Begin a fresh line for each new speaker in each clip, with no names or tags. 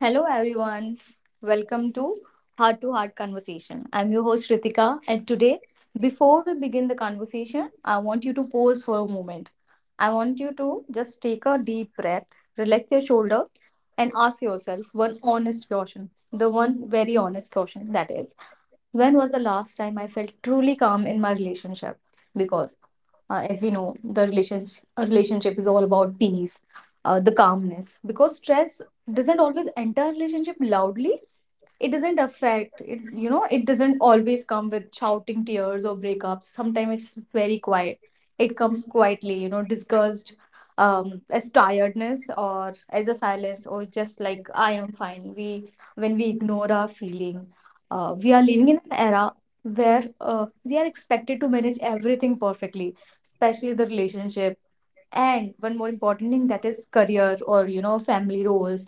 Hello, everyone. Welcome to Heart Conversation. I'm your host, Ritika, and today, before we begin the conversation, I want you to pause for a moment. I want you to just take a deep breath, relax your shoulder, and ask yourself one honest question, the one very honest question that is. When was the last time I felt truly calm in my relationship? Because, as we know, the relations a relationship is all about peace, the calmness. Because stress doesn't always enter relationship loudly, it doesn't affect it you know it Doesn't always come with shouting, tears, or breakups. Sometimes it's very quiet, it comes quietly, disgust as tiredness or as a silence, or just like I am fine. We When we ignore our feeling, we are living in an era where we are expected to manage everything perfectly, especially the relationship, and one more important thing, that is career, or, you know, family roles,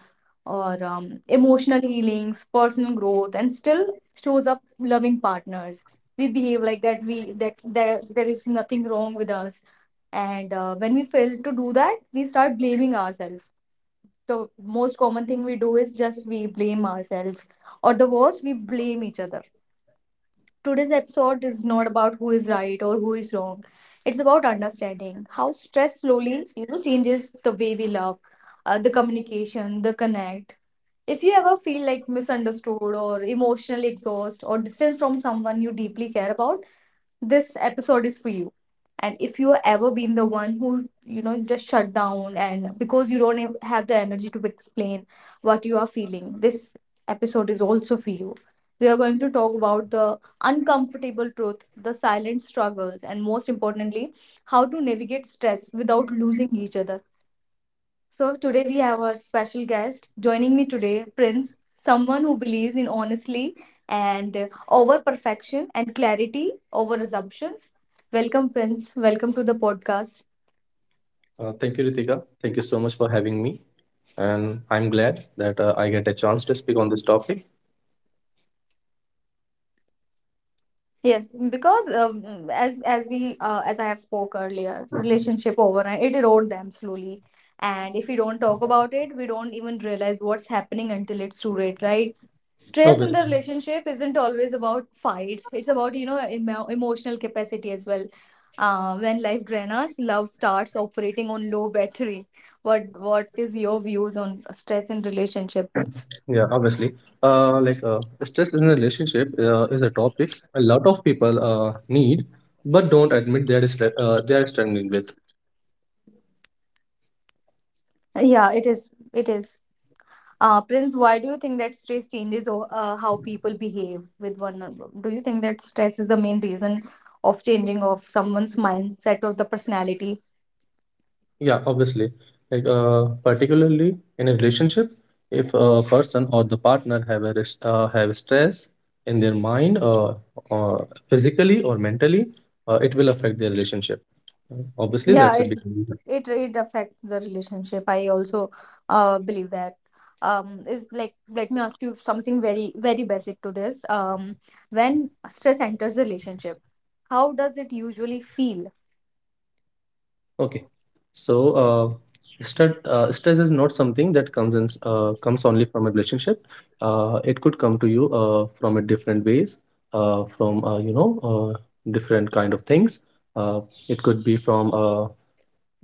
or emotional healings, personal growth, and still shows up loving partners. We behave like that, we that there is nothing wrong with us. And when we fail to do that, we start blaming ourselves. The most common thing we do is just we blame ourselves, or the worst, we blame each other. Today's episode is not about who is right or who is wrong. It's about understanding how stress slowly, you know, changes the way we love, the communication, the connect. If you ever feel like misunderstood or emotionally exhausted or distance from someone you deeply care about, this episode is for you. And if you have ever been the one who, you know, just shut down and because you don't have the energy to explain what you are feeling, this episode is also for you. We are going to talk about the uncomfortable truth, the silent struggles, and most importantly, how to navigate stress without losing each other. So today we have our special guest joining me today, Prince, someone who believes in honestly and over perfection and clarity over assumptions. Welcome, Prince. Welcome to the podcast.
Thank you, Ritika. Thank you so much for having me. And I'm glad that I get a chance to speak on this topic.
Yes, because as I have spoke earlier, relationship overnight it erode them slowly, and if we don't talk about it, we don't even realize what's happening until it's too late, right? Stress in the
Obviously,
relationship isn't always about fights. It's about, you know, emotional capacity as well. When life drains us, love starts operating on low battery. What is your views on stress in relationships?
yeah, obviously. Stress in a relationship is a topic a lot of people need, but don't admit they they are struggling with.
Yeah, it is. It is. Prince, why do you think that stress changes how people behave with one another? Do you think that stress is the main reason of changing of someone's mindset or the personality?
Yeah, obviously. Particularly in a relationship, if a person or the partner have stress in their mind, uh, physically or mentally, it will affect their relationship. Obviously,
Yeah,
that's a
it
big reason.
it it affects the relationship. I also believe that. Is like let me ask you something very very basic to this. When stress enters the relationship, how does it usually feel?
Okay. So, uh, Stress, stress is not something that comes in, comes only from a relationship. It could come to you from a different ways, from you know different kind of things. Uh, it could be from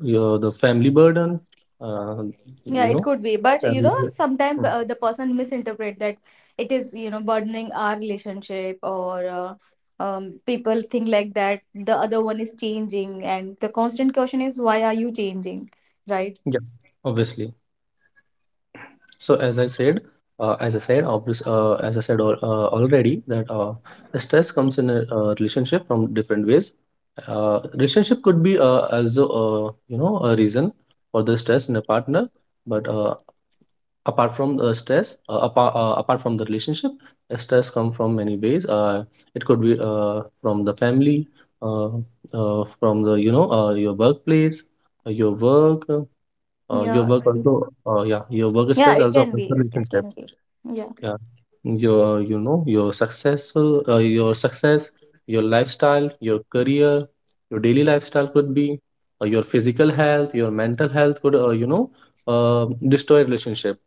your the family burden, uh,
Yeah,
you
it
know,
could be, but you
family.
know, sometimes
Mm,
the person misinterpret that it is, you know, burdening our relationship, or people think like that the other one is changing and the constant question is, why are you changing, right?
yeah, obviously. So as I said, obvious, as I said al- already that the stress comes in a, relationship from different ways. Relationship could be also you know a reason for the stress in a partner, but apart from the relationship, stress come from many ways. It could be from the family, uh, from the you know your workplace, uh, your work,
Yeah,
your
I
work also
mean,
yeah your work
yeah,
stress
it
also
can
affects the
be. It
relationship.
can be. Yeah.
Yeah, your your successful your success, your lifestyle, your career, your daily lifestyle could be your physical health, your mental health could you know destroy relationship.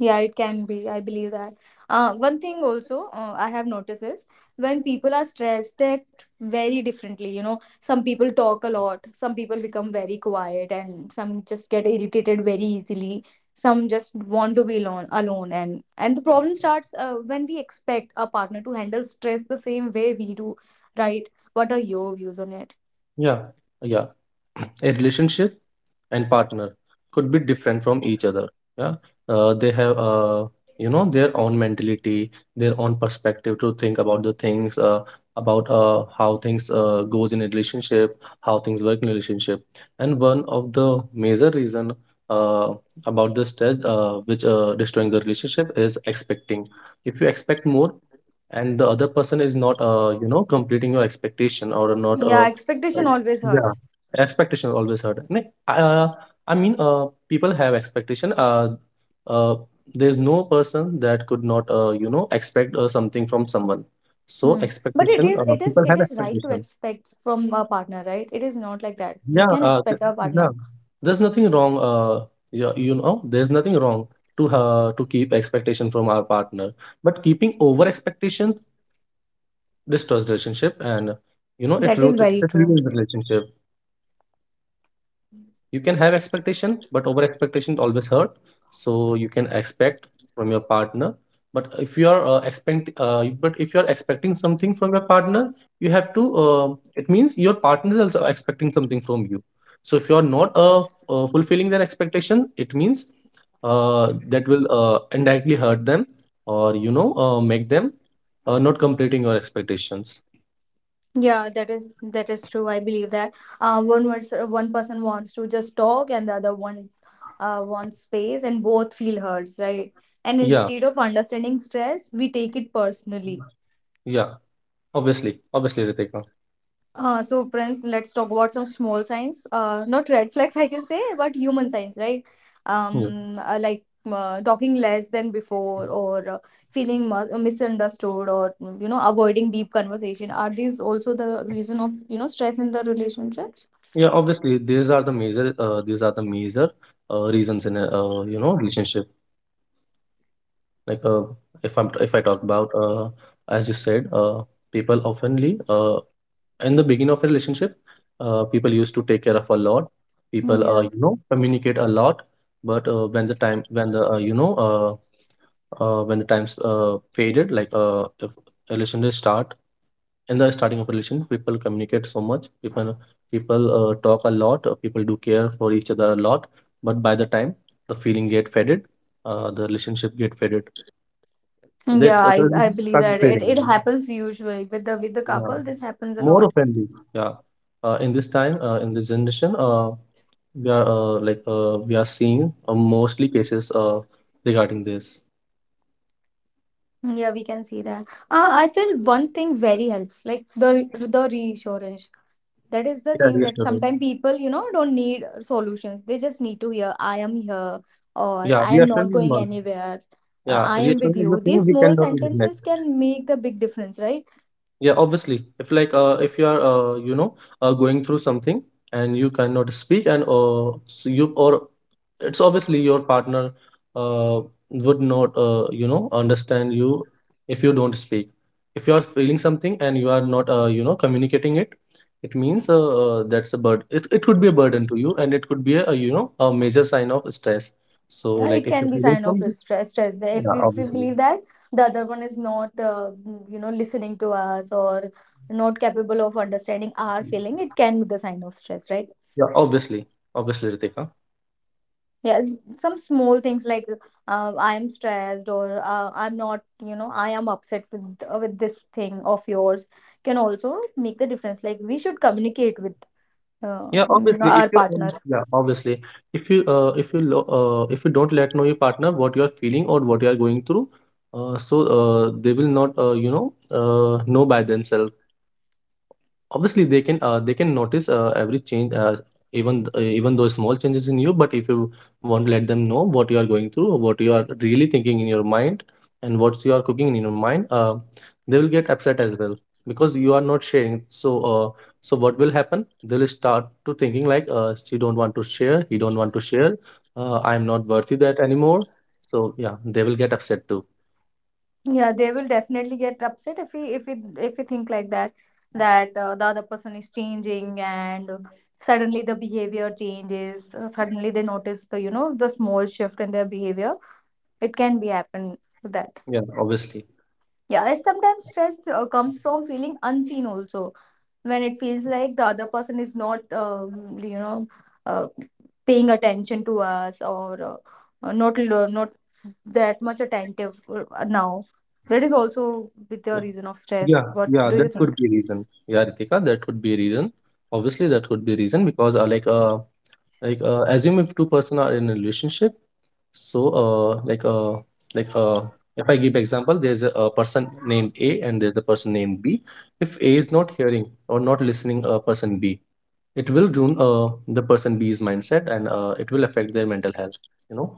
Yeah, it can be. I believe that. One thing also I have noticed is, when people are stressed, they act very differently. You know, some people talk a lot, some people become very quiet, and some just get irritated very easily. Some just want to be alone, alone, and the problem starts when we expect our partner to handle stress the same way we do, right? What are your views on it?
Yeah, yeah. A relationship and partner could be different from each other. Yeah, they have you know their own mentality, their own perspective to think about the things, about how things goes in a relationship, how things work in a relationship. And one of the major reason uh, about this test, which destroying the relationship, is expecting. If you expect more, and the other person is not you know completing your expectation or not
Yeah,
uh,
expectation always
Yeah,
hurts.
expectation always hurt. I mean, people have expectation. Uh, there's no person that could not, you know, expect something from someone. So
Hmm. But it
expectation,
is it is
people
it
have
is right to
expectation.
expect from our partner, right? It is not like that. We
Yeah,
can expect our
yeah.
partner.
There's nothing wrong. You know, there's nothing wrong to keep expectation from our partner, but keeping over expectation destroys relationship, and you know,
That is
it
very true.
ruins relationship. You can have expectation, but over expectation always hurt. So you can expect from your partner, but if you are expect but if you are expecting something from your partner, you have to it means your partner is also expecting something from you. So if you are not fulfilling their expectation, it means that will indirectly hurt them or you know make them not completing your expectations.
Yeah, that is true. I believe that one person wants to just talk, and the other one wants space, and both feel hurts, right? And
Yeah,
instead of understanding stress, we take it personally.
yeah, obviously, obviously, Ritika.
So, Prince, let's talk about some small signs. Not red flags, I can say, but human signs, right?
Yeah.
Like talking less than before, or feeling misunderstood, or mm, you know, avoiding deep conversation. Are these also the reason of, you know, stress in the relationships?
Yeah, obviously, these are the major reasons in a you know relationship. Like uh, if I'm if I talk about as you said, people oftenly in the beginning of a relationship, people used to take care of a lot.
Mm.
People
Yeah.
you know communicate a lot, but when the time when the you know when the times faded, like if a relationship start in the starting of relation people communicate so much. People talk a lot. People do care for each other a lot, but by the time the feeling get faded, the relationship get faded,
Mm,
that
yeah,
the
I
relationship
believe
start
that
fading,
it happens usually with the
yeah,
couple. This happens a
more
lot.
often. Yeah, in this generation we are seeing mostly cases regarding this.
Mm. Yeah, we can see that. I feel one thing very helps, like the reassurance. That is the
Yeah,
thing that
reassurance.
sometimes people, you know, don't need solutions. They just need to hear, I am here, or
Yeah,
I am not
reassurance is
going
one.
anywhere,
Yeah,
I am with
reassurance is the
you.
thing
These
we
small
cannot neglect.
sentences can make the big difference, right?
Yeah, obviously. If you are you know going through something and you cannot speak, and so you or it's obviously your partner uh, would not you know understand you if you don't speak. If you are feeling something and you are not you know communicating it, it means that's a burden. It could be a burden to you and it could be a you know a major sign of stress. So
Yeah,
like
it
if
can
you're
be
feeling
sign of
something,
stress. Stress. That
yeah,
if we
obviously.
believe that the other one is not, you know, listening to us or not capable of understanding our feeling, it can be the sign of stress, right?
Yeah, obviously, obviously, Ritika.
Yeah, some small things like I am stressed, or I'm not, you know, I am upset with this thing of yours, can also make the difference. Like we should communicate with
Yeah,
you know,
obviously, if
our
you
partner.
yeah, obviously, if you lo- if you don't let know your partner what you are feeling or what you are going through, they will not you know by themselves. Obviously, they can notice every change, even though small changes in you. But if you want to let them know what you are going through, or what you are really thinking in your mind, and what you are cooking in your mind, they will get upset as well because you are not sharing. So what will happen? They will start to thinking like, she don't want to share, he don't want to share. I'm not worthy that anymore. So yeah, they will get upset too.
Yeah, they will definitely get upset if we think like that, that the other person is changing and suddenly the behavior changes. Suddenly they notice the, you know, the small shift in their behavior. It can be happen to that.
Yeah, obviously.
Yeah, and sometimes stress comes from feeling unseen also, when it feels like the other person is not, you know, uh, paying attention to us, or not that much attentive now. That is also with the reason of stress.
Yeah,
What
yeah,
do
that
you think?
could be a reason. Yeah, Ritika, that could be a reason. Obviously, that could be a reason because assume if two-person are in a relationship, so uh like uh like uh if I give example, there's a person named A and there's a person named B. If A is not hearing or not listening person B, it will ruin the person B's mindset and it will affect their mental health, you know?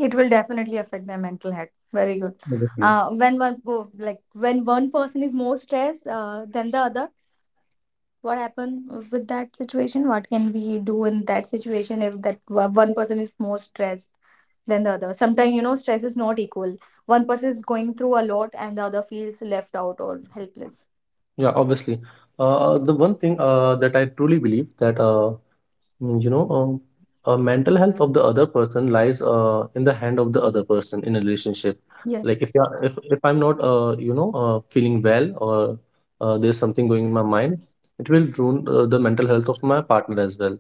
It will definitely affect their mental health. Very good.
Obviously.
When one po- like when one person is more stressed than the other, what happened with that situation, what can we do in that situation if one person is more stressed than the other? Sometimes, you know, stress is not equal, one person is going through a lot and the other feels left out or helpless.
Yeah, obviously. The one thing that I truly believe that mm, you know mental health of the other person lies in the hand of the other person in a relationship. Like
Yes.
if you if I'm not you know feeling well or there's something going in my mind, it will ruin the mental health of my partner as well,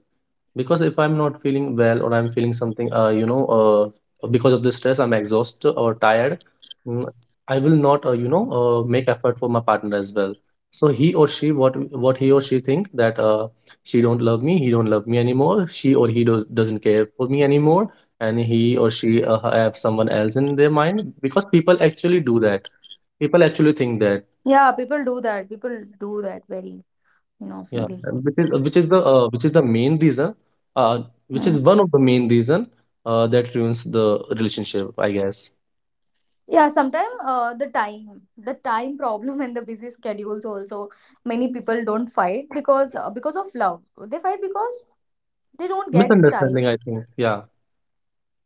because if I'm not feeling well or I'm feeling something you know because of the stress I'm exhausted or tired, mm, I will not you know make effort for my partner as well. So he or she, what he or she think that she don't love me, he don't love me anymore, she or he doesn't care for me anymore, and he or she have someone else in their mind, because people actually do that. People actually think that.
Yeah, people do that, people do that very, you know,
Yeah,
oftenly.
and which is the main reason, uh, which
Mm.
is one of the main reason that ruins the relationship, I guess.
Yeah, sometimes the time, problem and the busy schedules also, many people don't fight because of love, they fight because they don't get time.
Misunderstanding, I think. Yeah,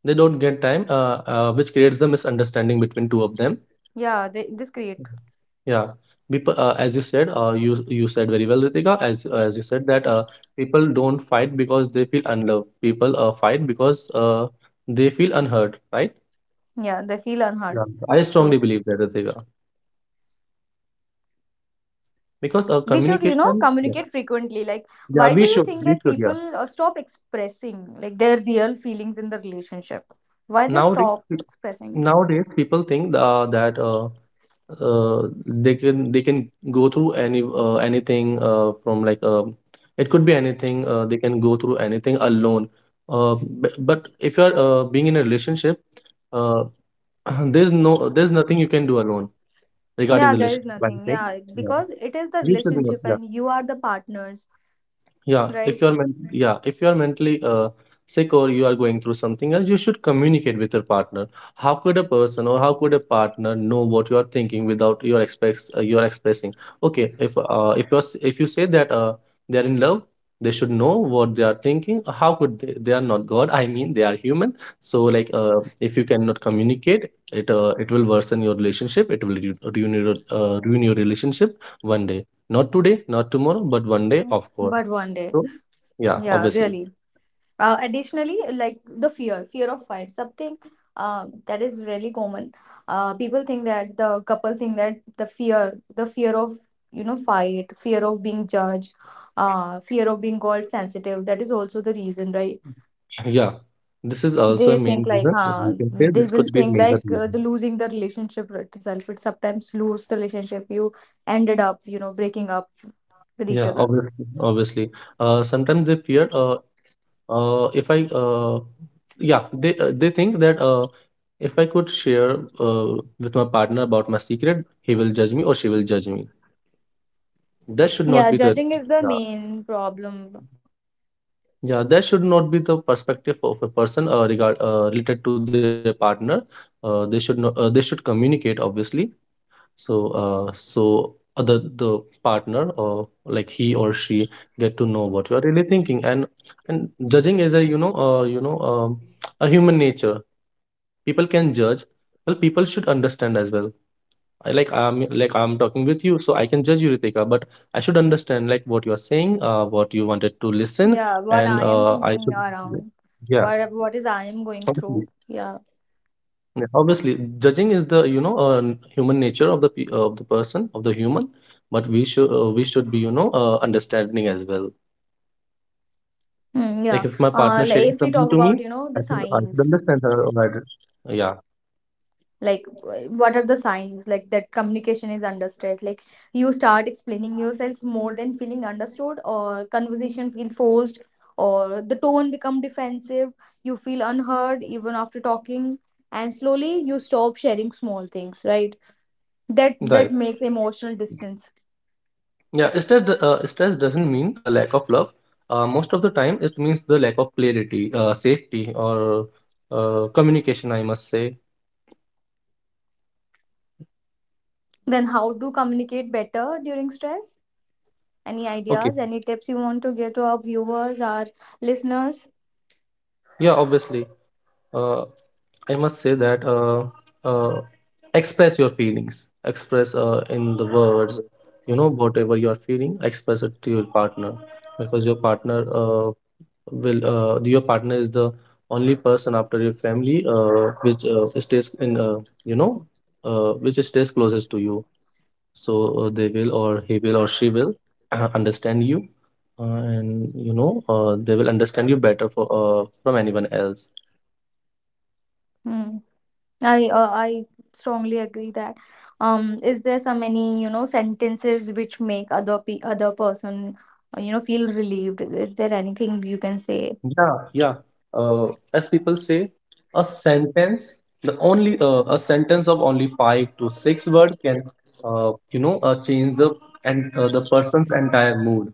they don't get time, which creates the misunderstanding between two of them.
Yeah, this create.
Mhm. Yeah, people, as you said, you said very well, Ritika, as you said that people don't fight because they feel unloved. People fight because they feel unheard, right?
Yeah, they feel unheard.
Yeah, I strongly
True.
believe that, Ritika, because
We should, you know,
communication.
communicate frequently. Like,
Yeah,
why do
we
you
should.
think
We
that
should.
people
Yeah.
stop expressing like their real feelings in the relationship? Why they
Nowadays,
stop
pe-
expressing?
Nowadays people think that they can go through anything from like it could be anything. They can go through anything alone. But if you're being in a relationship, uh, there's nothing you can do alone regarding
Yeah,
the
there is
relationship, I
nothing.
think.
Yeah,
Yeah.
because it is the
You should be.
relationship and you are the partners,
Yeah, if
right?
yeah, if you're mentally sick or you are going through something else, you should communicate with your partner. How could a person or how could a partner know what you are thinking without you are expressing? Okay, if if you say that they are in love, they should know what they are thinking. How could they? They are not God. I mean, they are human. So like, if you cannot communicate, it will worsen your relationship. It will ruin your relationship one day. Not today, not tomorrow, but one day,
Mm.
of course.
But one day.
So, yeah,
Yeah,
obviously.
really. Additionally, like the fear, fear of fight, something, that is really common. People think that the couple think that the fear of, you know, fight, fear of being judged, fear of being called sensitive. That is also the reason, right?
Yeah, this is also a
They
main
think like,
reason. You can say
they
this
will
could be a
think
major
like the
reason.
losing the relationship itself. It sometimes lose the relationship. You ended up, you know, breaking up with each
Yeah,
other.
obviously. Obviously. Sometimes they fear. If I. Yeah, they think that if I could share with my partner about my secret, he will judge me or she will judge me. That should not
Yeah,
be the.
judging is the
Yeah.
main problem.
Yeah, that should not be the perspective of a person regard related to their partner. They should not, They should communicate, obviously. So other the partner or like he or she get to know what you are really thinking, and judging is a you know a human nature. People can judge. Well, people should understand as well. I'm talking with you, so I can judge you, Ritika, but I should understand like what you are saying, what you wanted to listen, And
Yeah,
I
what
should.
I am thinking
Yeah.
around, what is I am going through. Yeah,
Yeah, obviously, judging is the human nature of the person of the human, but we should be understanding as well. Like if my partner
mm, yeah.
sharing something to me,
Like if we
I
talk
should
about,
I
you
should
know, the
understand her,
signs,
Yeah,
like what are the signs like that communication is under stress? Like you start explaining yourself more than feeling understood, or conversation feel forced, or the tone become defensive. You feel unheard even after talking, and slowly you stop sharing small things, right?
right.
That that makes emotional distance.
Yeah, stress doesn't mean a lack of love. Most of the time, it means the lack of clarity, safety, or communication, I must say.
Then how to communicate better during stress? Any
Okay.
ideas? Any tips you want to give to our viewers, our listeners?
Yeah, obviously. uh, I must say that uh, express your feelings, express in the words, you know, whatever you are feeling, express it to your partner, because your partner is the only person after your family, which stays in, you know, which stays closest to you. So, they will, or he will, or she will understand you. And you know They will understand you better for from anyone else.
Hmm. I strongly agree that. Is there some any, you know, sentences which make other person you know, feel relieved? Is there anything you can say?
Yeah, yeah. As people say, a sentence, the only a sentence of only five to six word can, change the person's entire mood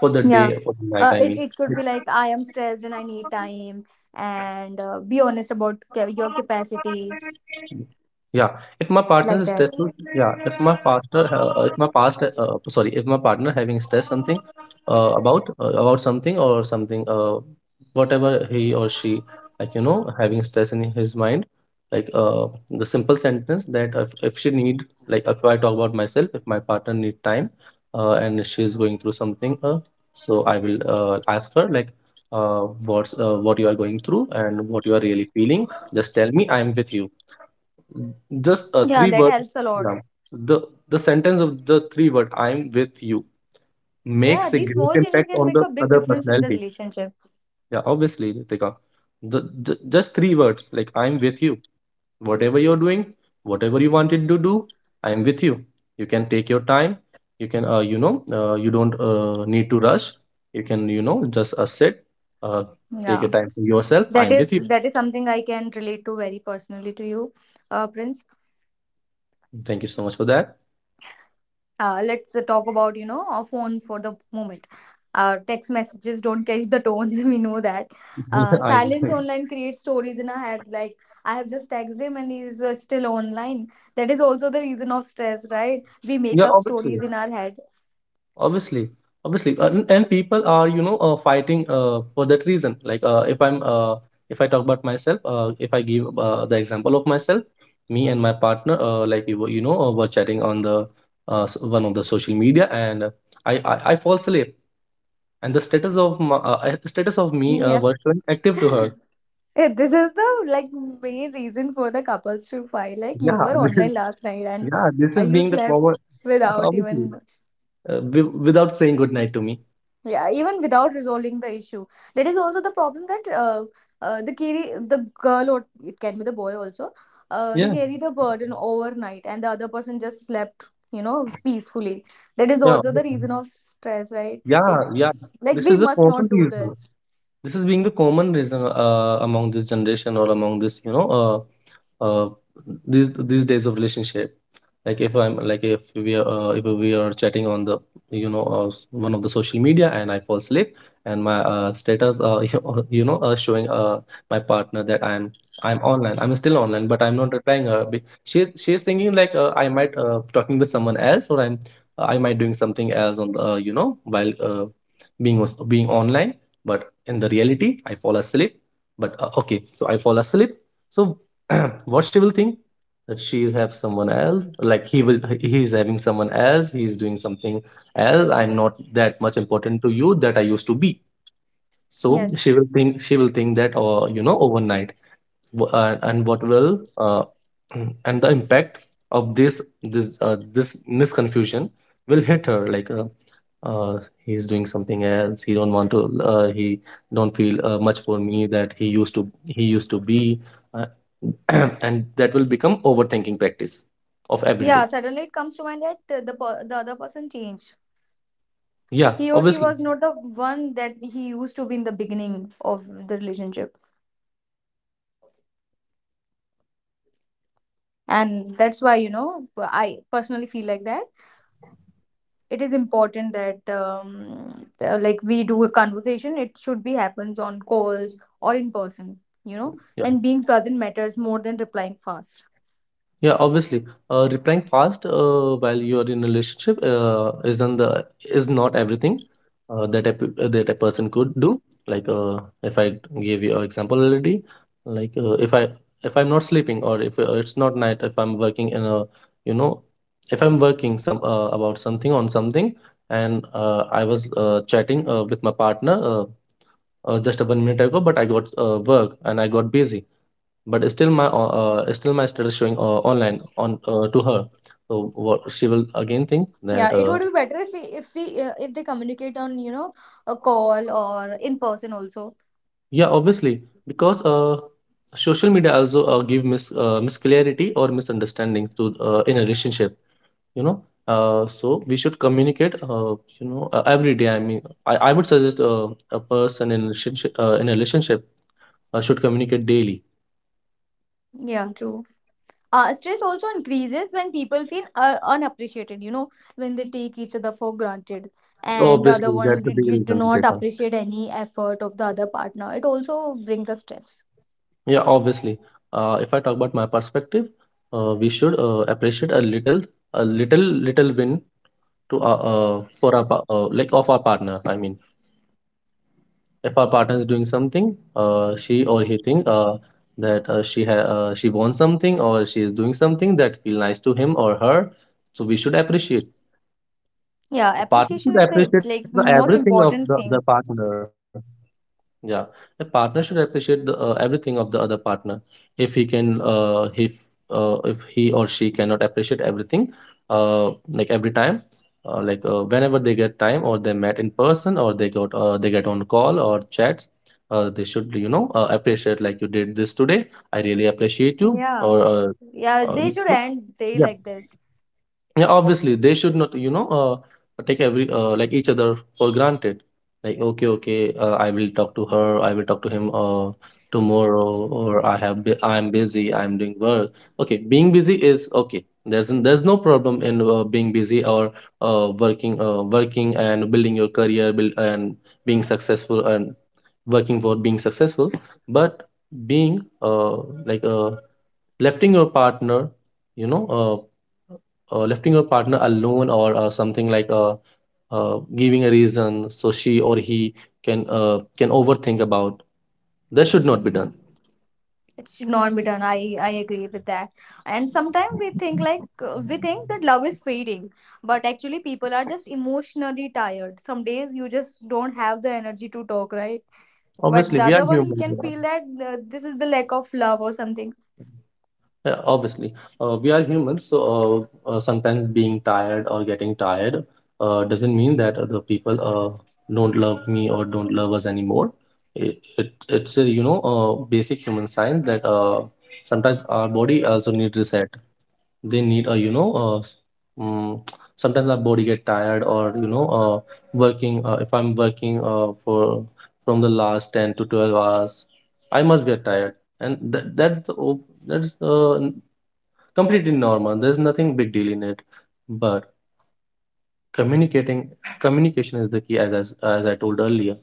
for the
Yeah.
day, for the night, I
It
mean.
it could be like, I am stressed and I need time, and be honest about ca your capacity,
Yeah, if my partner
like
is
that.
stressful. Yeah, if my partner having stress something, about something or something, whatever he or she, like, having stress in his mind, the simple sentence that, if she need, like, if I talk about myself, if my partner need time, and she's going through something, so I will ask her like. What you are going through and what you are really feeling. Just tell me, "I'm with you." Just a
Yeah,
three
that
word.
helps a lot.
Yeah. The the sentence of the three word "I'm with you"
Yeah,
makes a
these
great
small changes
impact
can
on
make
the
a big
other
difference in the
personality.
relationship.
Yeah, obviously, Ritika. The just three words, like, "I'm with you." Whatever you're doing, whatever you wanted to do, I'm with you. You can take your time. You don't need to rush. You can, just sit, uh, take
Yeah.
a time for yourself. I'm with you.
That is something I can relate to very personally to you, Prince.
Thank you so much for that.
Let's talk about, you know, a phone for the moment. Text messages don't catch the tones. We know that.
Yeah,
Silence online creates stories in our head. Like, I have just texted him and he's still online. That is also the reason of stress, right? We make
yeah,
up
obviously.
stories in our head.
Obviously, obviously, and people are fighting for that reason. Like, if I talk about myself, if I give the example of myself, me and my partner, like, we were, you know, were chatting on one of the social media, and I fall asleep, and the status of my, status of me
Yeah.
was showing active to her.
Yeah, this is the like main reason for the couples to fight. Like you
Yeah,
were online last night and
yeah, this is
you
being the common.
slept without
Obviously,
even.
without saying good night to me.
Yeah, even without resolving the issue, that is also the problem that the carry the girl or it can be the boy also. They
Yeah,
carry the burden overnight, and the other person just slept, peacefully. That is
yeah,
also the reason
obviously.
of stress, right?
Yeah,
It,
yeah.
like
This
we
is the
must
common
not do
reason.
this.
This is being the common reason among this generation, or among this, uh, these days of relationship. Like, if I'm like if we are chatting on the you know s- one of the social media, and I fall asleep, and my status showing my partner that I'm online, I'm still online, but I'm not replying her. She's thinking like, I might talking with someone else, or I might doing something else on the, you know, while being online. But in the reality, I fall asleep. But okay, so I fall asleep. So, what she will think. That she is have someone else. Like, he is having someone else, he is doing something else. I'm not that much important to you that I used to be. So,
Yes.
she will think that, or overnight, w- and what will and the impact of this misconfusion will hit her, like, uh, he's doing something else, he don't want to, he don't feel much for me that he used to be, uh, and that will become overthinking practice of every
Yeah.
day.
Suddenly, it comes to mind that the other person changed.
Yeah,
He or she
obviously.
was not the one that he used to be in the beginning of
He
the
used to be, right,
relationship,
very right. Obviously. So, like,
and that's why I personally feel like that it is important that like we do a conversation. It should be happens on calls or in person, you know
yeah.
and being present matters more than replying fast.
Yeah, obviously, replying fast while you are in a relationship isn't the is not everything that that a person could do. Like, if I gave you an example already. Like, if I'm not sleeping, or if it's not night, if I'm working in a, you know if I'm working some about something on something, and I was chatting with my partner, just a 1 minute ago, but I got work and I got busy. But still my status showing online on, to her. So what she will again think,
Yeah,
that
it would be better if we if they communicate on, a call or in person also.
yeah, obviously. Because social media also give misclarity, or misunderstandings to, in a relationship, you know. So we should communicate, you know, every day. I mean, I would suggest a person in relationship, in a relationship should communicate daily.
Yeah, true. Stress also increases when people feel unappreciated, when they take each other for granted, and the other
Obviously, that's
one
the big
you do
reason.
not appreciate any effort of the other partner, it also brings the stress.
Yeah, obviously. If I talk about my perspective, we should appreciate a little, little win to, for our like, of our partner, I mean. If our partner is doing something, she or he think, that, she wants something, or she is doing something that feel nice to him or her. So we should appreciate.
Yeah,
A partner
appreciation
should
is the
appreciate the
like most
everything of the
important
other
thing.
partner. Yeah, a partner should appreciate the, everything of the other partner. If he can, uh, if if he or she cannot appreciate everything, like every time, like, whenever they get time, or they met in person, or they get on call or chats, they should, appreciate, like, you did this today. I really appreciate you.
Yeah.
Or
Yeah,
uh,
they should
y-
end day
yeah,
like this.
yeah, obviously, they should not, take every like each other for granted. Like, okay, okay, I will talk to her. I will talk to him tomorrow. Or I'm busy. I'm doing work. Okay, being busy is okay. There's no problem in being busy, or working, working and building your career, build, and being successful, and working for being successful. But being like, lefting your partner, you know. Uh, Lefting your partner alone, or something like, giving a reason so she or he can overthink about, that should not be done.
It should not be done. I agree with that. And sometimes we think like, we think that love is fading, but actually people are just emotionally tired. Some days you just don't have the energy to talk, right? But
Obviously,
the
we are
other one
human,
can
yeah.
feel that this is the lack of love or something.
Yeah, obviously, we are humans, so sometimes being tired, or getting tired, doesn't mean that the people don't love me, or don't love us anymore. It's a basic human sign, that sometimes our body also needs reset. They need, a, mm, sometimes our body get tired, or working, if I'm working for from the last 10 to 12 hours. I must get tired, and that that's o- that's n- completely normal. There's nothing big deal in it. But communicating communication is the key, as, as I told earlier.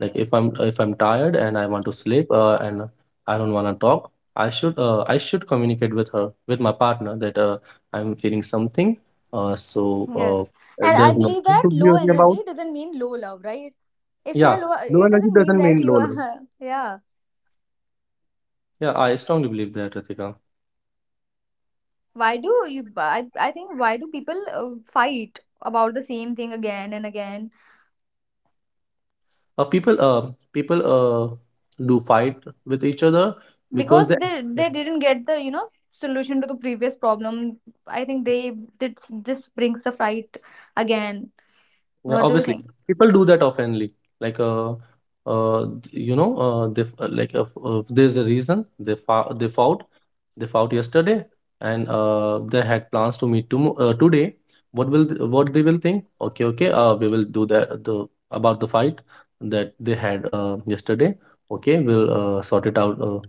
Like, if I'm tired and I want to sleep, and I don't want to talk, I should communicate with her, with my partner, that I'm feeling something. Uh, so
Yes.
uh,
And I
there's
believe
nothing
that
to be
low
worried about.
energy doesn't mean low love, right? If
Yeah,
you're low,
low
it
energy
doesn't mean
doesn't
that
mean
you
low love.
are, yeah.
Yeah, I strongly believe that, Ritika.
I think, why do people fight about the same thing again and again?
Uh, people uh, People do fight with each other because they,
Because they didn't get the, solution to the previous problem. I think they did this brings the fight again.
yeah,
What do you
obviously,
think?
people do that oftenly. Like uh, you know, they f- like f- There's a reason they fought. They fought yesterday, and they had plans to meet today. What will what they will think? Okay, okay. We will do that the about the fight that they had yesterday. Okay, we'll sort it out. Uh,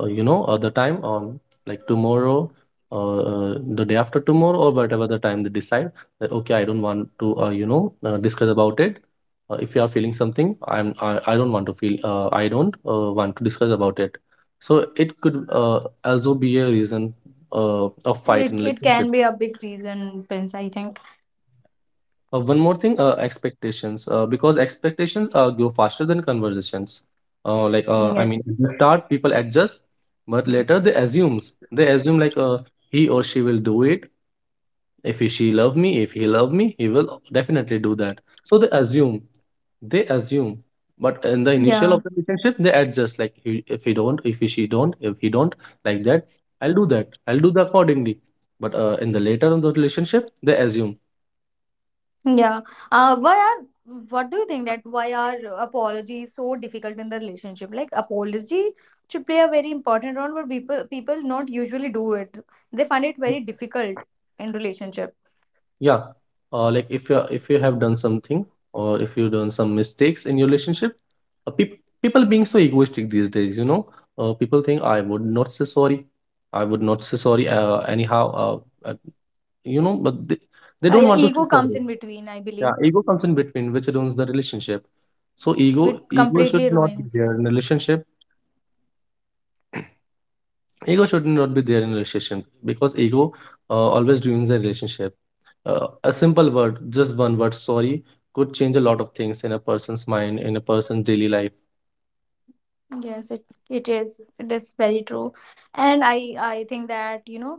uh, you know, Other time on, like, tomorrow. Or the day after tomorrow, or whatever the time they decide, that okay, I don't want to, discuss about it. If you are feeling something, I don't want to feel. I don't want to discuss about it, so it could also be a reason of fight in
It
relationship.
can be a big reason, Prince, I think.
One more thing, expectations. Because expectations go faster than conversations. I mean,
Yes.
at the start people adjust, but later they assumes. They assume like he or she will do it, if he, she love me, if he love me he will definitely do that, so they assume, they assume, but in the initial
Yeah.
of the relationship they adjust, like he, if he don't, if he, she don't, if he don't, like that, I'll do that, I'll do the accordingly, but in the later of the relationship they assume.
Yeah. Why are What do you think that why are apologies so difficult in the relationship? Like apology should play a very important role, but people not usually do it. They find it very difficult in relationship.
Yeah, like if you, if you have done something or if you done some mistakes in your relationship, people being so egoistic these days, you know. People think I would not say sorry. I would not say sorry, anyhow uh, you know, but they don't
Yeah,
want to say
ego comes
sorry.
in between, I believe,
Yeah, ego comes in between, which ruins the relationship. So ego,
which
ego
completely
should not be
ruins.
there in relationship. Ego should not be there in relationship because ego always ruins the relationship. A simple word, just one word, sorry, could change a lot of things in a person's mind, in a person's daily life.
Yes, it is. It is very true, and I think that, you know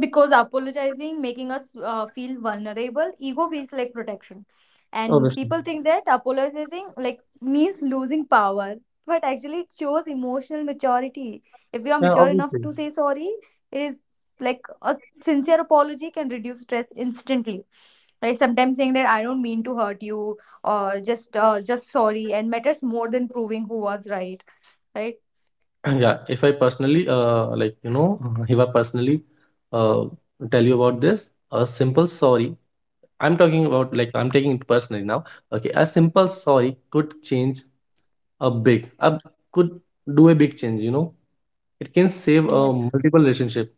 Because apologizing, making us feel vulnerable, ego feels like protection. And
Obviously.
people think that apologizing like means losing power, but actually it shows emotional maturity. If you are
Yeah,
mature enough
obviously.
to say sorry, it is like a sincere apology can reduce stress instantly. Right? Sometimes saying that I don't mean to hurt you or just sorry and matters more than proving who was right. Right?
Yeah, if I personally, like, you know, if I personally uh, tell you about this, a simple sorry. I'm talking about, like, I'm taking it personally now. Okay, a simple sorry could change a big, a could do a big change. You know, it can save a
Yes.
multiple relationship.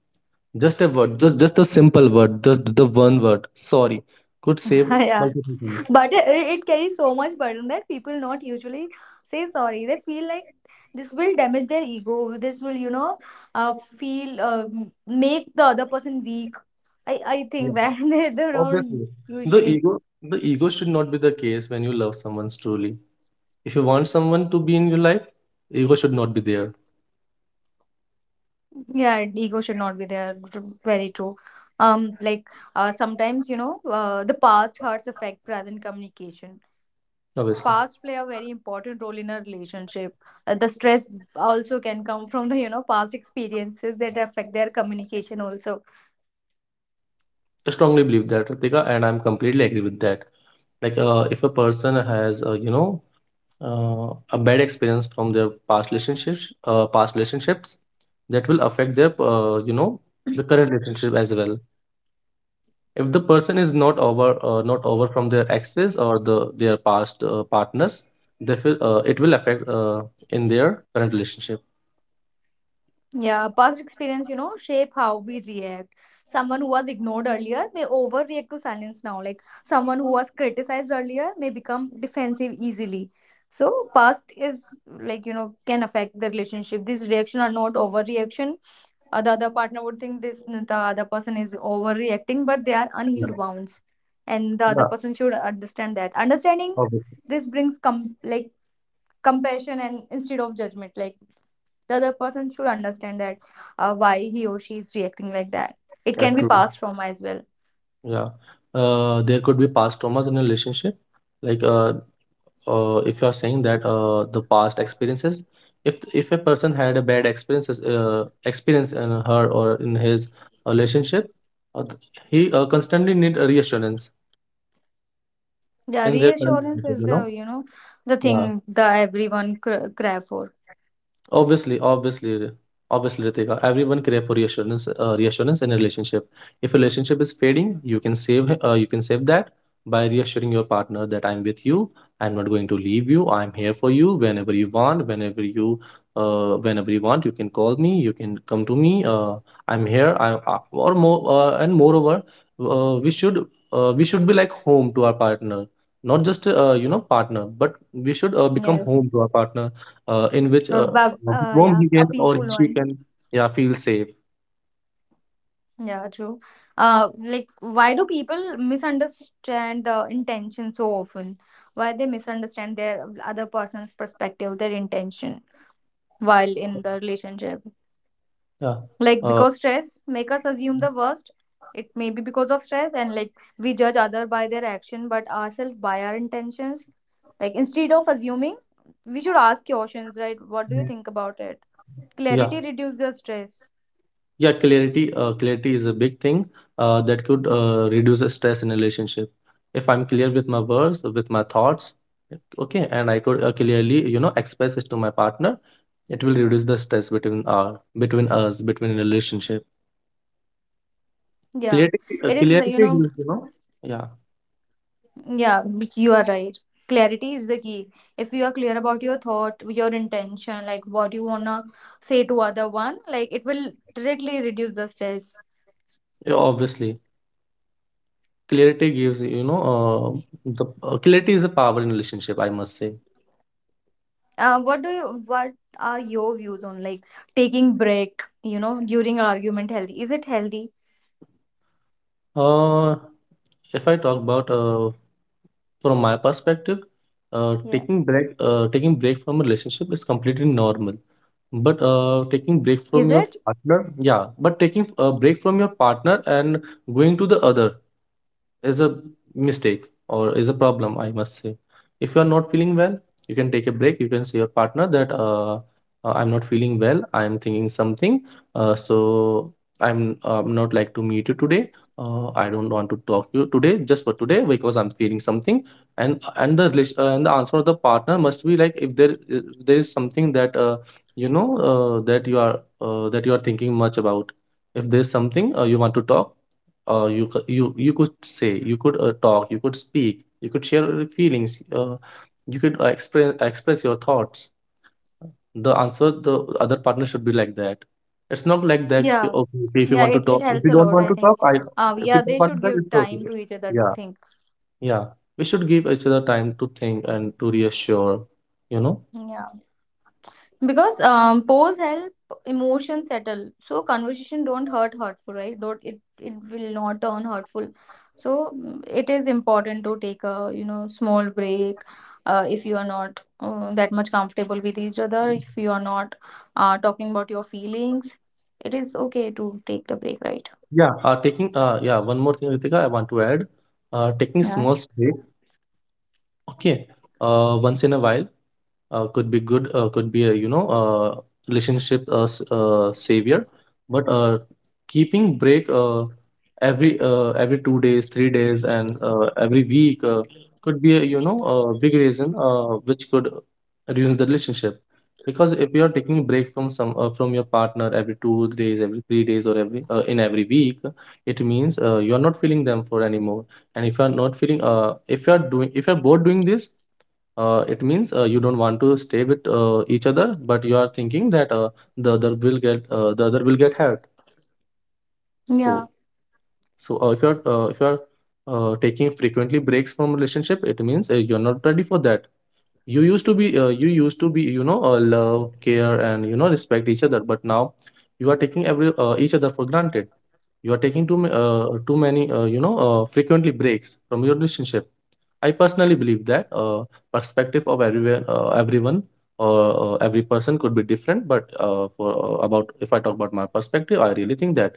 Just a word, just a simple word, just the one word, sorry, could save
yeah.
multiple things.
But it carries so much burden that people not usually say sorry. They feel like this will damage their ego. This will, make the other person weak. I
Yeah,
think that, they don't
obviously. The
usually.
ego, the ego should not be the case when you love someone truly. If you want someone to be in your life, ego should not be there.
Yeah, ego should not be there, very true. Like, sometimes, the past hurts affect present communication.
Obviously.
Past play a very important role in a relationship. The stress also can come from the, past experiences that affect their communication also.
I strongly believe that, Ritika, and I'm completely agree with that. Like, if a person has, uh, a bad experience from their past relationships, that will affect their, the current relationship as well. If the person is not over, not over from their exes or their past partners, they feel, it will affect in their current relationship.
Yeah, past experience, shape how we react. Someone who was ignored earlier may overreact to silence now, like someone who was criticized earlier may become defensive easily. So past is like, can affect the relationship, this reaction or not overreaction. The other partner would think this, the other person is overreacting, but they are
Yeah,
unhealed wounds. And the other
yeah,
person should understand that, understanding
obviously,
this brings like compassion, and instead of judgment, like the other person should understand that why he or she is reacting like that. It
yeah,
can be
true.
passed from as well.
Yeah, there could be past traumas in a relationship, like uh, if you are saying that the past experiences, if if a person had a bad experiences experience in her or in his relationship, he constantly need a reassurance
Yeah,
in their current
reassurance
relationship,
is
you know.
the, the
Yeah.
thing, the everyone cry for.
Obviously, obviously, obviously, Ritika, everyone crave for reassurance, reassurance in a relationship. If a relationship is fading, you can save that by reassuring your partner that I'm with you, I'm not going to leave you, I'm here for you whenever you want, you can call me, you can come to me, I'm here, or more, and moreover, uh, we should, we should be like home to our partner, not just, partner, but we should become
Yes.
home to our partner in which
But,
with whom
yeah,
he
a
can or
peaceful
she
one.
can, yeah, feel safe.
Yeah, true. Like, why do people misunderstand the intention so often? Why they misunderstand their other person's perspective, their intention while in the relationship?
Yeah.
Like,
uh,
because stress make us assume the worst. It may be because of stress, and like we judge other by their action, but ourselves by our intentions. Like, instead of assuming, we should ask questions, right? What do you
Mm.
think about it?
Yeah,
Clarity reduces the stress.
yeah, clarity, clarity is a big thing that could reduce the stress in a relationship. If I'm clear with my words, with my thoughts, okay, and I could clearly, you know, express it to my partner, it will reduce the stress between our, between us, between relationship.
Yeah, it
Clarity,
is like.
clarity gives, you know. Yeah.
Yeah, you are right. Clarity is the key. If you are clear about your thought, your intention, like what you wanna say to other one, like it will directly reduce the stress.
Yeah, obviously. Clarity gives, you know, the clarity is a power in relationship, I must say.
What are your views on like taking break, during argument healthy? Is it healthy?
Uh, if I talk about from my perspective,
Yeah.
taking break from a relationship is completely normal. But taking break from
Is
your
it?
partner, yeah, but taking a break from your partner and going to the other is a mistake or is a problem, I must say. If you are not feeling well, you can take a break, you can say your partner that I'm not feeling well, I'm thinking something, so I'm not like to meet you today, I don't want to talk to you today, just for today, because I'm feeling something. And the relation, and the answer of the partner must be like, if there is something that that you are thinking much about, if there's something you want to talk, you you you could say, you could talk, you could speak, you could share your feelings, you could express your thoughts. The answer the other partner should be like that. It's not like that,
Yeah.
okay, okay, if you
Yeah,
want to
it
talk, if
helps
you
a
don't
lot,
want
I
to
think.
talk, I, if you
Yeah,
don't
they
want to
should
talk,
give
it's
time
okay.
to each other to
Yeah.
think.
Yeah, we should give each other time to think and to reassure, you know.
Yeah. Because pose help emotion settle, so conversation don't hurt hurtful, right? Don't, it will not turn hurtful. So it is important to take a, small break, if you are not, that much comfortable with each other, if you are not, talking about your feelings, it is okay to take the break, right?
Yeah. Taking Yeah, one more thing, Ritika, I want to add. Taking
Yeah,
small break, okay, once in a while, could be good, could be a, you know, savior. But keeping break every 2 days, 3 days, and every week, could be a, you know, a big reason which could ruin the relationship. Because if you are taking a break from some, from your partner every 2 days, every 3 days, or every in every week, it means you are not feeling them for anymore. And if you are not feeling, if you are doing, if you are both doing this, it means you don't want to stay with each other, but you are thinking that the other will get, the other will get hurt. So,
yeah,
so if you're taking frequently breaks from relationship, it means you're not ready for that. You used to be, you used to be, you know, love, care, and, you know, respect each other, but now you are taking every, each other for granted. You are taking too many, frequently breaks from your relationship. I personally believe that, perspective of everyone, everyone, or every person could be different. But for about, if I talk about my perspective, I really think that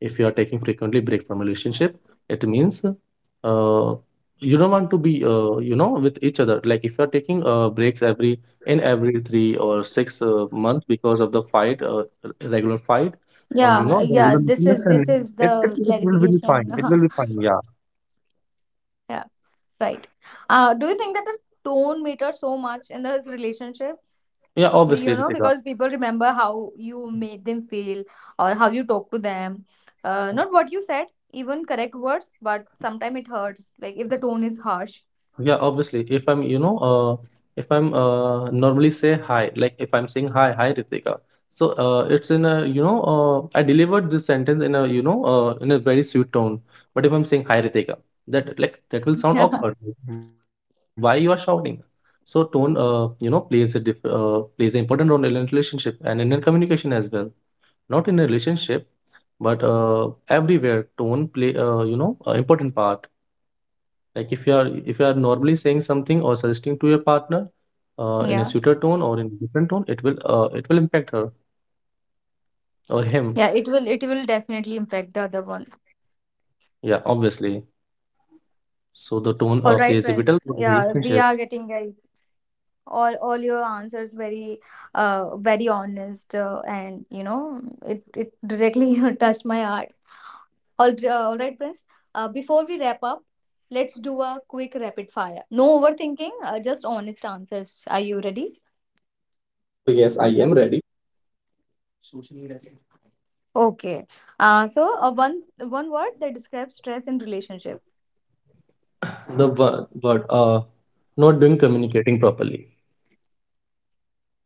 if you are taking frequently break from relationship, it means you don't want to be, you know, with each other. Like if you are taking breaks every, in every three or six month because of the fight, regular fight,
yeah,
or you
yeah,
know
this
regular
is this is
misunderstanding, it,
the
it it will be
clarification.
fine. It will be fine. Yeah.
yeah. Right. Do you think that the tone matters so much in this relationship,
Yeah, obviously, Ritika.
because people remember how you made them feel or how you talk to them? Not what you said, even correct words, but sometimes it hurts, like if the tone is harsh.
Yeah, obviously. If I'm, you know, if I'm normally say hi, like if I'm saying hi, hi Ritika. So it's in a, you know, I delivered this sentence in a, you know, in a very sweet tone. But if I'm saying hi Ritika, that, like, that will sound awkward. Why you are shouting? So tone, plays a diff plays an important role in a relationship and in a communication as well. Not in a relationship, but everywhere tone play, important part, like if you are, if you are normally saying something or suggesting to your partner in a sweeter
Yeah, yeah,
tone or in a different tone, it will impact her or him.
yeah, it will definitely impact the other one.
Yeah, obviously. So the tone
All
plays
right,
a vital
friends.
role in
Yeah,
relationship.
we are getting all your answers very very honest, and it directly touched my heart. All right, Prince. Before we wrap up, let's do a quick rapid fire. No overthinking, just honest answers. Are you ready?
Oh, yes, I am ready.
Okay. So one word that describes stress in relationship.
The wo- word Not doing communicating properly,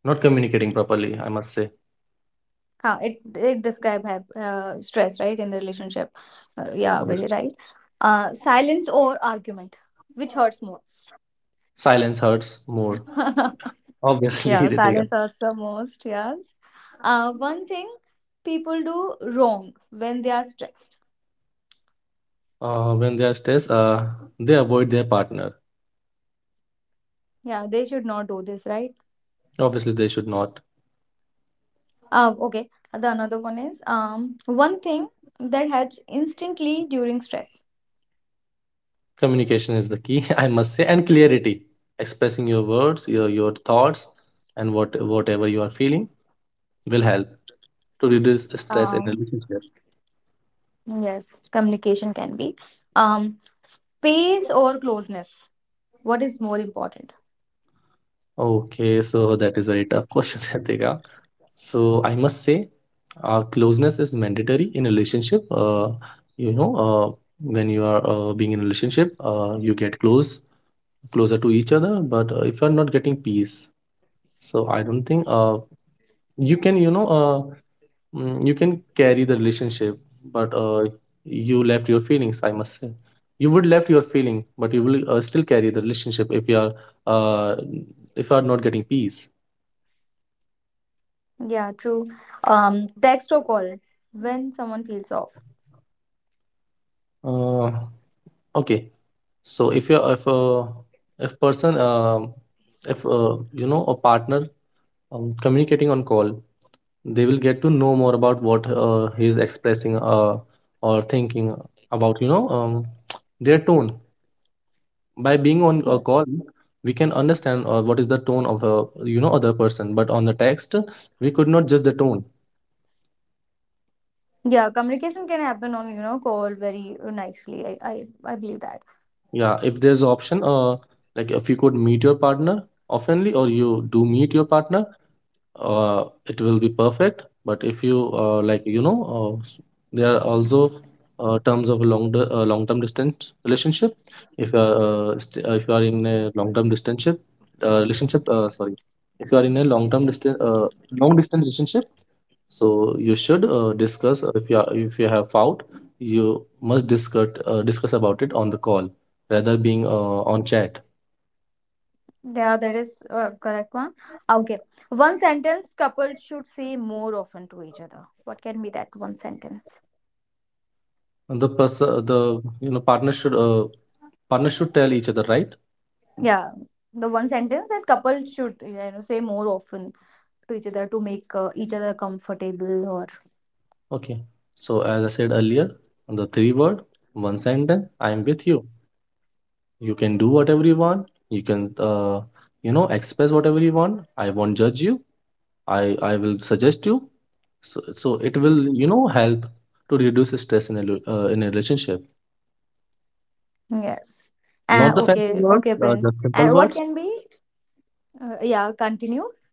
not communicating properly, I must say.
Huh, it describe stress right in the relationship. Yeah,
Honestly,
very right. Silence or argument, which hurts most?
silence hurts more, obviously,
Yeah,
Ritika.
silence hurts the most. Yes. One thing people do wrong when they are stressed.
When they are stressed They avoid their partner.
Yeah, they should not do this, right?
Obviously, they should not.
Okay, the another one is one thing that helps instantly during stress.
Communication is the key, I must say, and clarity. Expressing your words, your thoughts, and what whatever you are feeling will help to reduce stress in a
Um,
relationship.
yes, communication can be, um, space or closeness. What is more important?
Okay, so that is very tough question, Ritika. So I must say, closeness is mandatory in a relationship. You know, uh, when you are being in a relationship, you get closer to each other. But if you are not getting peace, so I don't think you can, you can carry the relationship, but you left your feelings. I must say, you would left your feeling, but you will still carry the relationship uh, if you are not getting peace.
Yeah, true. Text or call when someone feels off.
Uh, okay, so if if person if you know, a partner, communicating on call, they will get to know more about what he is expressing or thinking about. You know, their tone, by being on a
Yes.
call, we can understand what is the tone of a, you know, other person, but on the text we could not judge the tone.
Yeah, communication can happen on, call very nicely. I believe that.
Yeah, if there's an option, like if you could meet your partner oftenly, or you do meet your partner, it will be perfect. But if you there are also terms of long term distance relationship. If you are if you are in a long term distance relationship, sorry, if you are in a long term distance long distance relationship, so you should discuss, if you are, if you have found, you must discuss, discuss about it on the call rather being on chat.
Yeah, that is correct one. Okay. One sentence couples should say more often to each other. What can be that one sentence?
And the person, the you know partner should tell each other, right.
Yeah, the one sentence that couples should, say more often to each other to make each other comfortable or
Okay. So as I said earlier, on the three word one sentence, I am with you. You can do whatever you want. You can, you know, express whatever you want. I won't judge you. I will suggest you. So it will, you know, help to reduce stress in a in a relationship.
yes. Uh,
Not the fancy
okay,
words,
okay, Prince.
just simple
And what
words.
can be? Yeah, continue.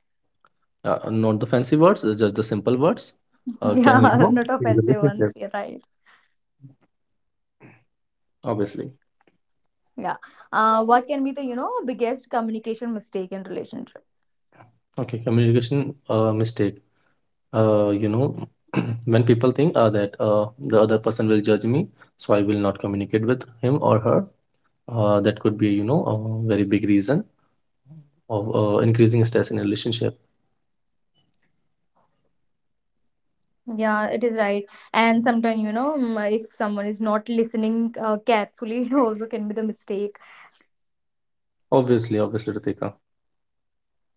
Not the fancy words, just the simple words. Can, you
Yeah,
know,
not
in the
offensive ones.
relationship,
You're right.
obviously.
Yeah. What can be the, biggest communication mistake in relationship?
Okay, communication mistake. Uh, you know, when people think that the other person will judge me, so I will not communicate with him or her. That could be, you know, a very big reason of increasing stress in a relationship.
Yeah, it is right. And sometimes, if someone is not listening carefully, it also can be the mistake.
Obviously, obviously, Ritika.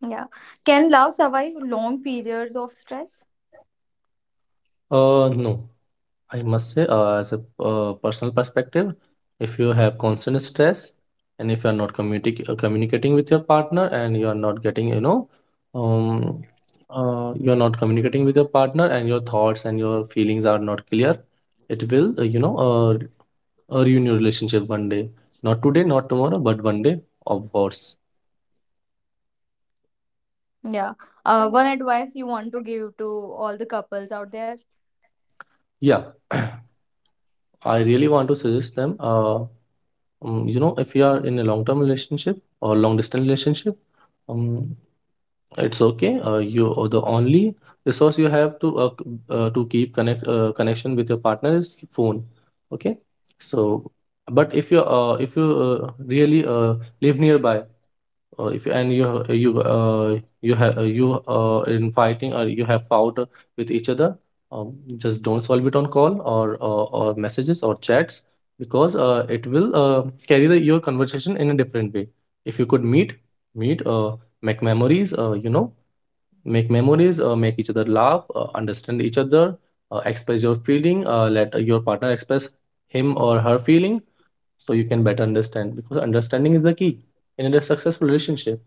Yeah. Can love survive long periods of stress?
No. I must say, as a personal perspective, if you have constant stress and if you are not communicating with your partner, and you are not getting, you know, um, you are not communicating with your partner and your thoughts and your feelings are not clear, it will, ruin your relationship one day. Not today, not tomorrow, but one day, of course.
Yeah. One advice you want to give to all the couples out there?
Yeah, I really want to suggest them. You know, if you are in a long-term relationship or long-distance relationship. Um, It's okay. You, or the only resource you have to to keep connection with your partner, is phone. Okay. So, but if you really live nearby, if, and you have, you in fighting, or you have fought with each other, just don't solve it on call, or messages or chats, because it will carry the, your conversation in a different way. If you could meet, meet, make memories, make memories, make each other laugh, understand each other, express your feeling, let your partner express him or her feeling, so you can better understand, because understanding is the key in a successful relationship.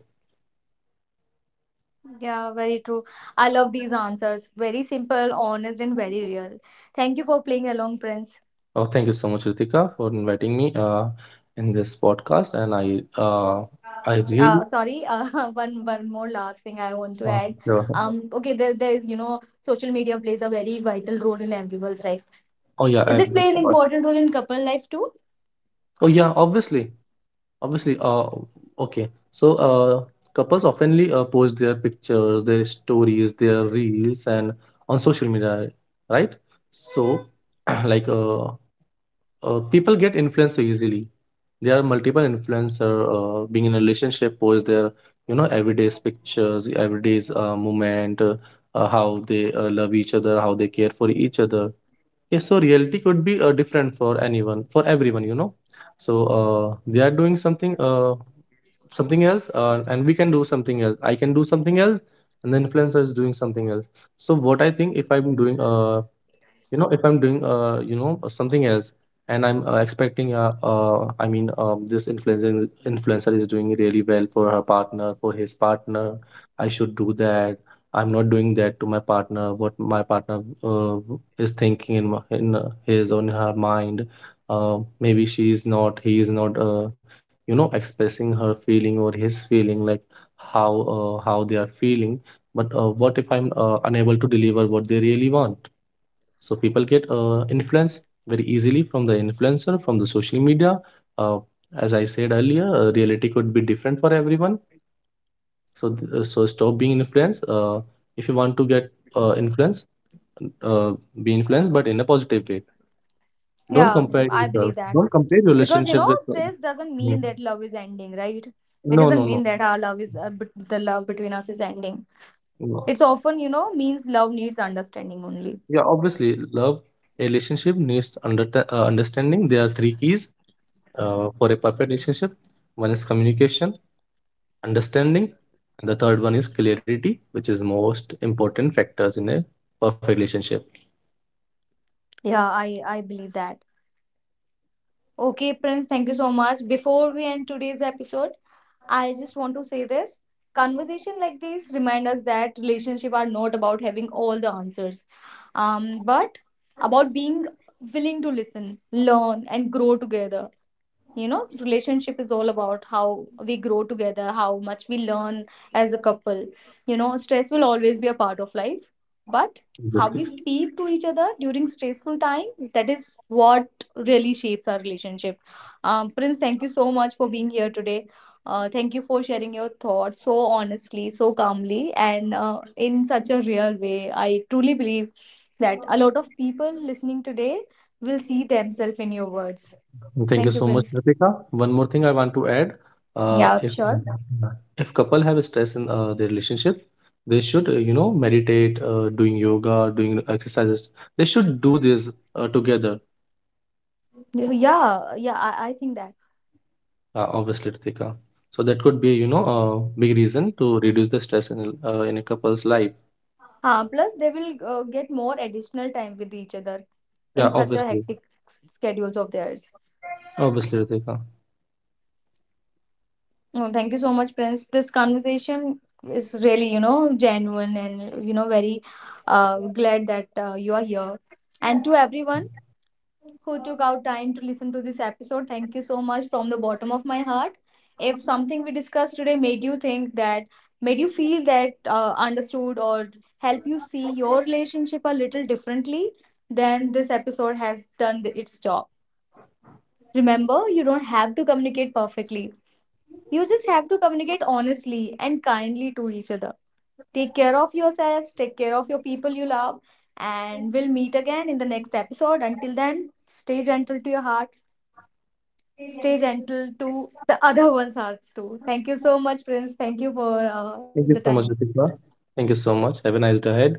Yeah, very true. I love these answers. Very simple, honest, and very real. Thank you for playing along, Prince.
Oh, thank you so much, Ritika, for inviting me in this podcast, and I really
Sorry. One more last thing I want to
uh,
add.
yeah.
Okay, there is, social media plays a very vital role in everyone's life.
Oh yeah,
Is
I,
it play an important role in couple life too?
oh yeah, obviously. Obviously, okay. So, couples oftenly post their pictures, their stories, their reels, and on social media, right? So, like, uh, people get influenced so easily. There are multiple influencer being in a relationship, post their, you know, everyday's pictures, everyday's moment, how they love each other, how they care for each other. Yes, so reality could be different for anyone, for everyone, you know. So they are doing something, something else, and we can do something else. I can do something else, and the influencer is doing something else. So what I think, if I'm doing, you know if I'm doing you know something else, and I'm expecting, this influencer is doing really well for her partner, for his partner. I should do that. I'm not doing that to my partner. What my partner is thinking in, his on her mind, maybe she is not, he is not you know, expressing her feeling or his feeling, like how how they are feeling. But what if I'm unable to deliver what they really want. So people get influence very easily from the influencer, from the social media. Uh, as I said earlier, reality could be different for everyone. So so stop being influenced. If you want to get influence, uh, be influenced, but in a positive way. Don't
Yeah,
compare
I
yourself.
believe
Don't
that
compare your
because,
relationship with.
stress doesn't
Mm.
mean that love is ending, right?
No,
It
no,
doesn't
no.
mean that our love is bet- the love between us is ending.
No.
It's often, means love needs understanding only.
Yeah, obviously, love, a relationship needs understanding. There are three keys for a perfect relationship. One is communication, understanding, and the third one is clarity, which is most important factors in a perfect relationship.
Yeah, I believe that. Okay, Prince, thank you so much. Before we end today's episode, I just want to say, this conversation like this remind us that relationship are not about having all the answers, but about being willing to listen, learn and grow together. Relationship is all about how we grow together, how much we learn as a couple. Stress will always be a part of life, but how we
Exactly.
speak to each other during stressful time, that is what really shapes our relationship. Prince, thank you so much for being here today. Thank you for sharing your thoughts so honestly, so calmly, and in such a real way. I truly believe that a lot of people listening today will see themselves in your words.
Thank you
Thank
so
you,
much,
Prince.
Ritika. One more thing I want to add. uh,
Yeah,
if
sure.
if couple have stress in their relationship, they should you know, meditate, doing yoga, doing exercises. They should do this together.
Yeah, yeah, I think that.
Obviously, Ritika. So that could be, you know, a big reason to reduce the stress in a couple's life.
Plus, they will get more additional time with each other
Yeah,
in such a
obviously.
hectic schedules of theirs.
Obviously, Ritika.
Oh, thank you so much, Prince. This conversation is really, genuine and, very glad that you are here. And to everyone who took out time to listen to this episode, thank you so much from the bottom of my heart. If something we discussed today made you think that, made you feel that understood, or help you see your relationship a little differently, then this episode has done its job. Remember, you don't have to communicate perfectly. You just have to communicate honestly and kindly to each other. Take care of yourselves, take care of your people you love, and we'll meet again in the next episode. Until then, stay gentle to your heart, stay gentle to the other ones hearts too. Thank you so much, Prince. Thank you for the
Thank you so much,
time.
Ritika. Thank you so much. Have a nice day ahead.